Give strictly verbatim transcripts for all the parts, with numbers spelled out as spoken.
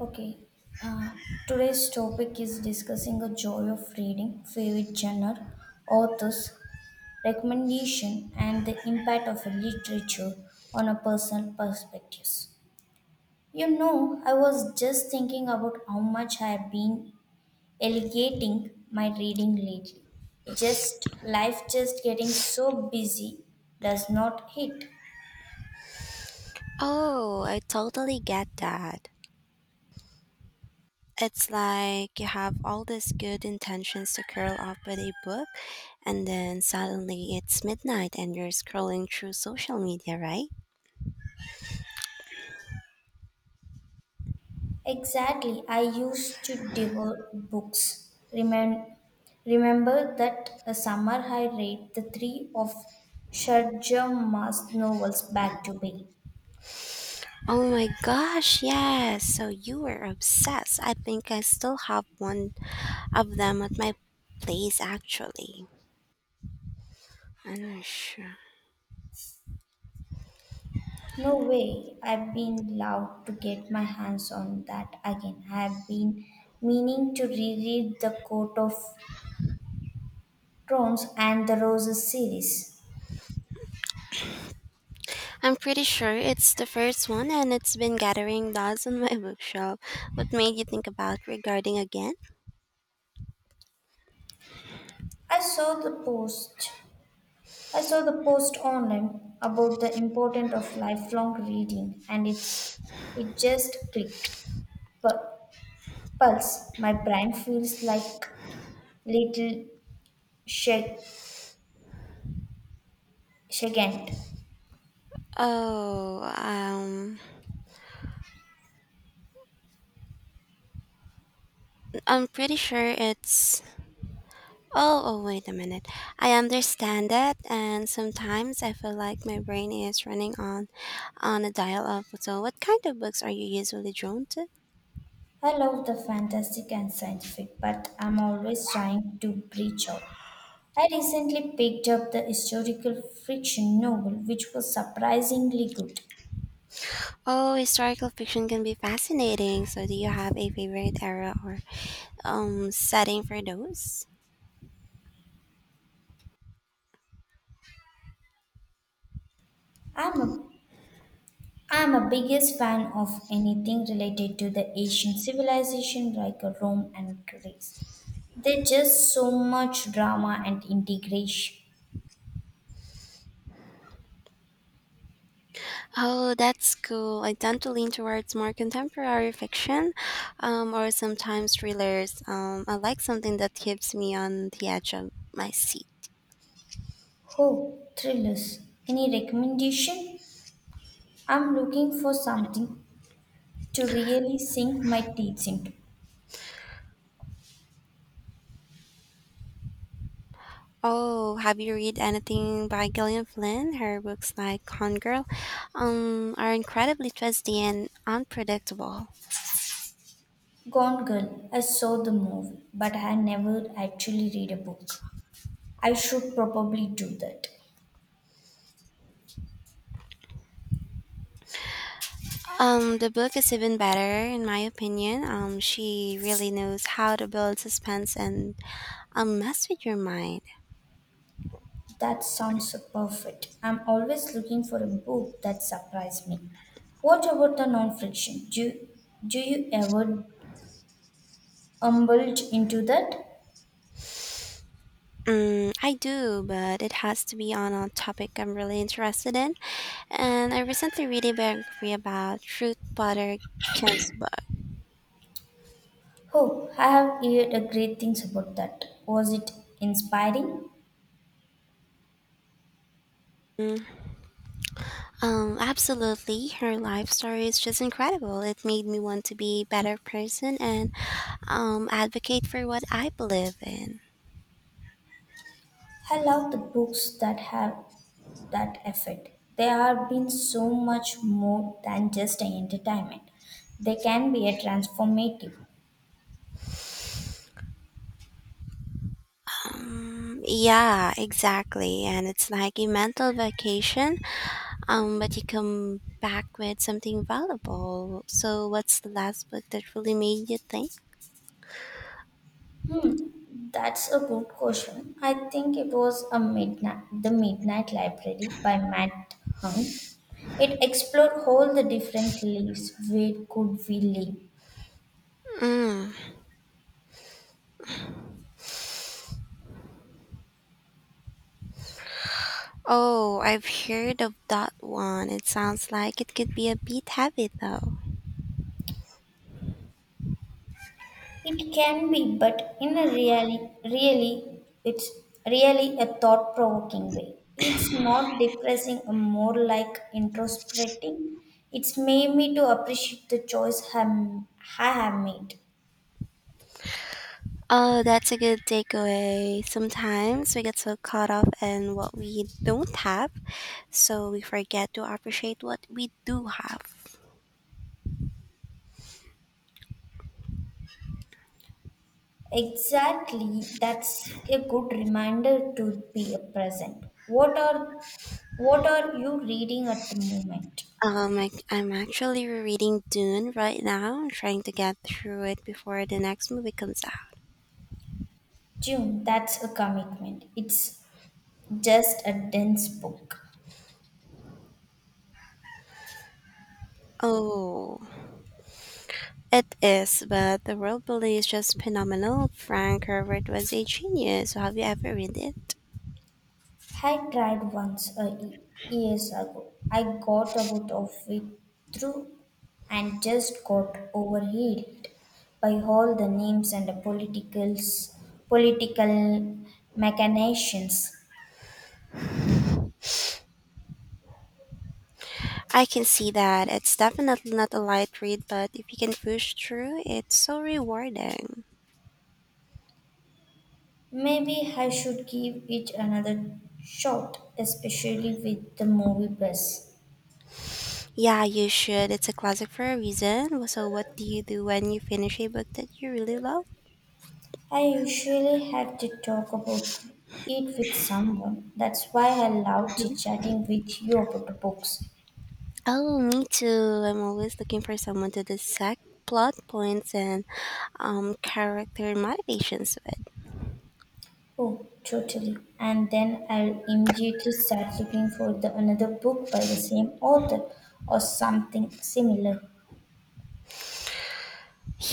Okay, uh, today's topic is discussing the joy of reading, favorite genre, authors, recommendation, and the impact of a literature on a personal perspectives. You know, I was just thinking about how much I have been elegating my reading lately. Just life just getting so busy does not hit. Oh, I totally get that. It's like you have all these good intentions to curl up with a book, and then suddenly it's midnight and you're scrolling through social media, right? Exactly. I used to devour books. Remem- remember that a summer I read the three of Sharjah Mas novels back to back. Oh my gosh, yes. So you were obsessed. I think I still have one of them at my place, actually. I'm not sure. No way. I've been loved to get my hands on that again. I've been meaning to reread the Court of Thorns and the Roses series. I'm pretty sure it's the first one, and it's been gathering dust on my bookshelf. What made you think about regarding again? I saw the post I saw the post online about the importance of lifelong reading and it's it just clicked. But pulse, my brain feels like little shag shaken. Oh, um, I'm pretty sure it's. Oh, oh, wait a minute. I understand that, and sometimes I feel like my brain is running on, on a dial-up. So, what kind of books are you usually drawn to? I love the fantastic and scientific, but I'm always trying to breach out. I recently picked up the historical fiction novel, which was surprisingly good. Oh, historical fiction can be fascinating. So, do you have a favorite era or um setting for those? I'm a I'm a biggest fan of anything related to the ancient civilization like Rome and Greece. There's just so much drama and integration. Oh, that's cool. I tend to lean towards more contemporary fiction, um, or sometimes thrillers. Um, I like something that keeps me on the edge of my seat. Oh, thrillers. Any recommendation? I'm looking for something to really sink my teeth into. Oh, have you read anything by Gillian Flynn? Her books like Con Girl um, are incredibly twisty and unpredictable. Gone Girl, I saw the movie, but I never actually read a book. I should probably do that. Um, the book is even better, in my opinion. Um, she really knows how to build suspense and um, mess with your mind. That sounds so perfect. I'm always looking for a book that surprises me. What about the non-fiction? Do, do you ever indulge into that? Mm, I do, but it has to be on a topic I'm really interested in. And I recently read a biography about Ruth Bader Ginsburg. Oh, I have heard a great things about that. Was it inspiring? Mm. Um, absolutely, her life story is just incredible. It made me want to be a better person and um, advocate for what I believe in. I love the books that have that effect. They have been so much more than just an entertainment. They can be a transformative. Um, yeah, exactly. And it's like a mental vacation, um, but you come back with something valuable. So, what's the last book that really made you think? Hmm, that's a good question. I think it was a midnight, the Midnight Library by Matt Hung. It explored all the different lives. Where could we live? Mm. Oh, I've heard of that one. It sounds like it could be a bit heavy though. It can be, but in a really, really, it's really a thought-provoking way. It's not depressing, uh, more like introspecting. It's made me to appreciate the choice I'm, I have made. Oh, that's a good takeaway. Sometimes we get so caught up in what we don't have, so we forget to appreciate what we do have. Exactly, that's a good reminder to be present. What are what are you reading at the moment? Um, I, I'm actually rereading Dune right now. I'm trying to get through it before the next movie comes out. June, that's a commitment. It's just a dense book. Oh, it is, but the world building is just phenomenal. Frank Herbert was a genius. So have you ever read it? I tried once a y- years ago. I got about of it through and just got overheated by all the names and the politicals, political machinations. I can see that. It's definitely not a light read, but if you can push through, it's so rewarding. Maybe I should give it another shot, especially with the movie buzz. Yeah, you should. It's a classic for a reason. So, what do you do when you finish a book that you really love? I usually have to talk about it with someone. That's why I love chit-chatting with you about the books. Oh, me too. I'm always looking for someone to dissect plot points and um, character motivations with. Oh, totally. And then I'll immediately start looking for the another book by the same author or something similar.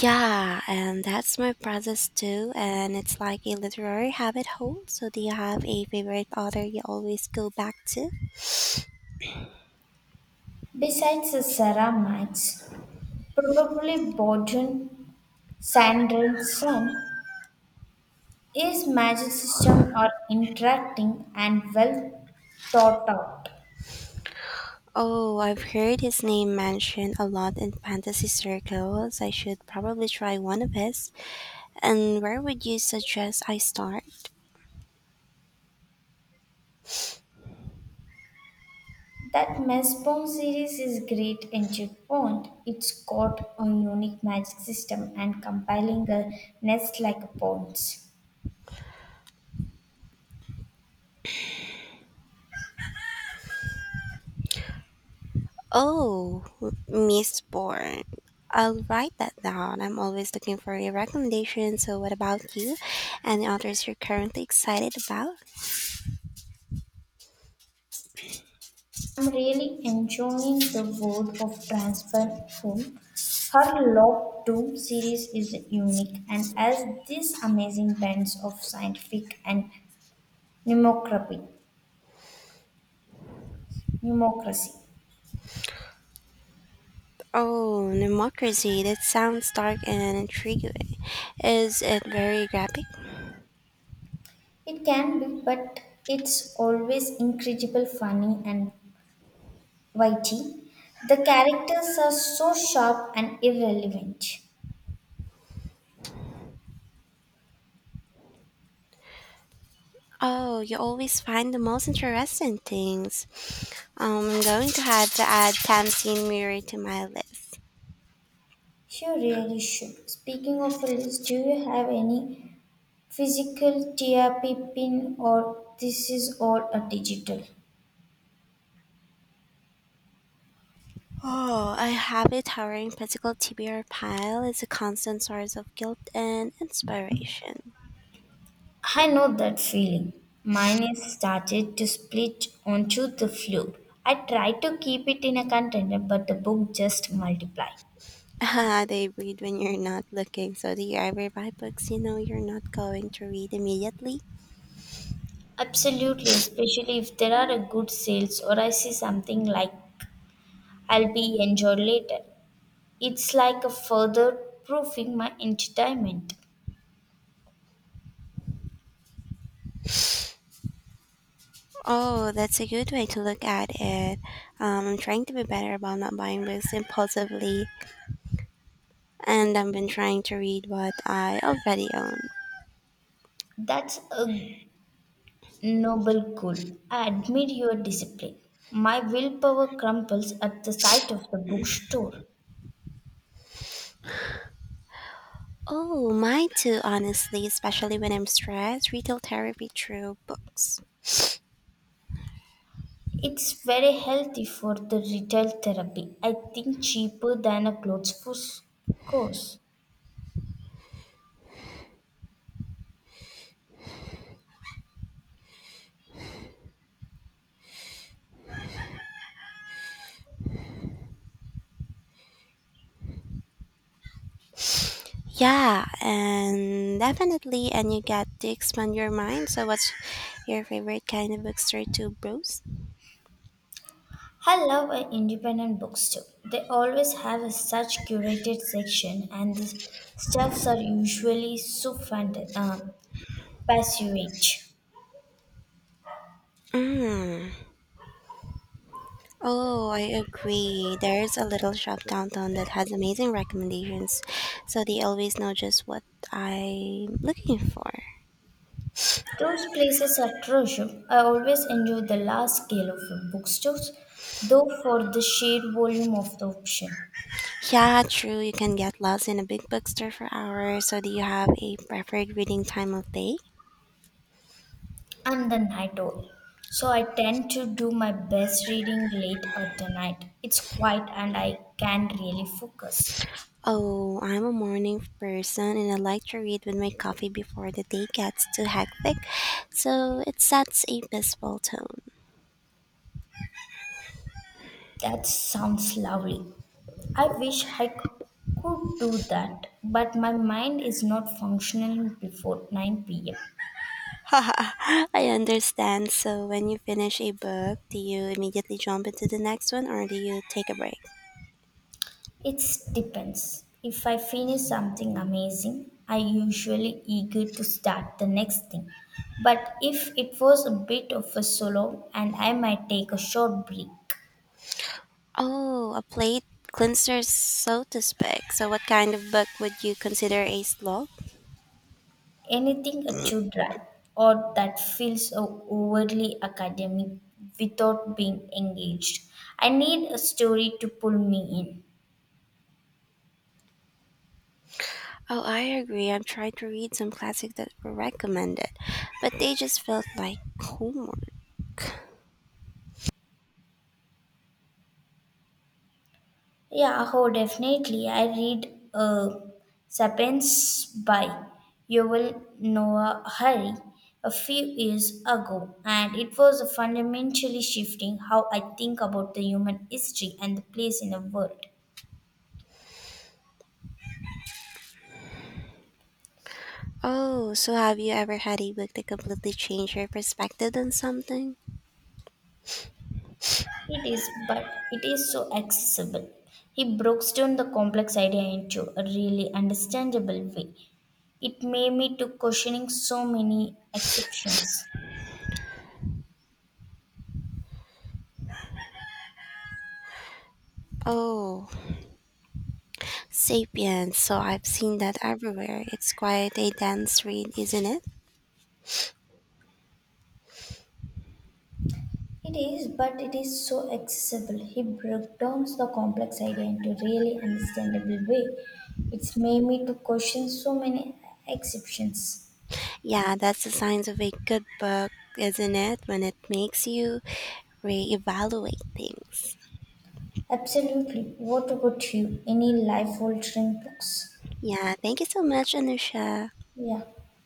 Yeah, and that's my process too. And it's like a literary habit hole. So, do you have a favorite author you always go back to? Besides the Sarah Max, probably Borden Sanderson's is magic system are interacting and well thought out. Oh, I've heard his name mentioned a lot in fantasy circles. I should probably try one of his. And where would you suggest I start? That Mesbong series is great entry point. It's got a unique magic system and compiling a nest like a ponds. Oh, Miss Bourne. I'll write that down. I'm always looking for a recommendation. So, what about you? Any authors you're currently excited about? I'm really enjoying the world of Transparent Home. Her Lock Doom series is unique and has this amazing blend of scientific and mnemocracy. mnemocracy. Oh, Democracy. That sounds dark and intriguing. Is it very graphic? It can be, but it's always incredible funny and witty. The characters are so sharp and irrelevant. Oh, you always find the most interesting things. Um, I'm going to have to add Tamsin Murray to my list. You really should. Speaking of a list, do you have any physical T R P pin or this is all a digital? Oh, I have a towering physical T B R pile. It's a constant source of guilt and inspiration. I know that feeling. Mine is started to split onto the flue. I try to keep it in a container, but the book just multiply. Ah, they read when you're not looking. So do you ever buy books you know you're not going to read immediately? Absolutely, especially if there are a Mm. good sales or I see something like I'll be enjoyed later. It's like a further proofing my entertainment. Oh, that's a good way to look at it. Um, I'm trying to be better about not buying books impulsively. And I've been trying to read what I already own. That's a noble goal. I admire your discipline. My willpower crumples at the sight of the bookstore. Oh, mine too, honestly, especially when I'm stressed, retail therapy through books. It's very healthy for the retail therapy. I think cheaper than a clothes for s- course. Yeah, and definitely, and you get to expand your mind. So, what's your favorite kind of books or two bros? I love uh, independent books too. They always have a such curated section, and the stuffs are usually so fant- um, passionate. Mm. Oh, I agree. There's a little shop downtown that has amazing recommendations, so they always know just what I'm looking for. Those places are treasure. I always enjoy the large scale of bookstores, though for the sheer volume of the option. Yeah, true. You can get lost in a big bookstore for hours. So, do you have a preferred reading time of day? I'm the night owl, so I tend to do my best reading late at the night. It's quiet and I can really focus. Oh, I'm a morning person and I like to read with my coffee before the day gets too hectic. So, it sets a peaceful tone. That sounds lovely. I wish I c- could do that, but my mind is not functional before nine p m. I understand. So, when you finish a book, do you immediately jump into the next one or do you take a break? It depends. If I finish something amazing, I usually eager to start the next thing. But if it was a bit of a solo and I might take a short break, Oh, a plate cleanser, so to speak. So, what kind of book would you consider a slow? anything uh, too dry or that feels o- overly academic without being engaged. I need a story to pull me in. Oh, I agree. I'm trying to read some classics that were recommended, but they just felt like homework. Yeah, oh, definitely. I read uh, Sapiens by Yuval Noah Harry a few years ago, and it was fundamentally shifting how I think about the human history and the place in the world. Oh, so have you ever had a book that completely changed your perspective on something? It is, but it is so accessible. He breaks down the complex idea into a really understandable way. It made me to questioning so many exceptions. Oh, Sapiens. So I've seen that everywhere. It's quite a dense read, isn't it? It is, but it is so accessible. He broke down the complex idea into really understandable way. It's made me to question so many exceptions. Yeah, that's the signs of a good book, isn't it? When it makes you reevaluate things. Absolutely. What about you? Any life-altering books? Yeah, thank you so much, Anusha. Yeah.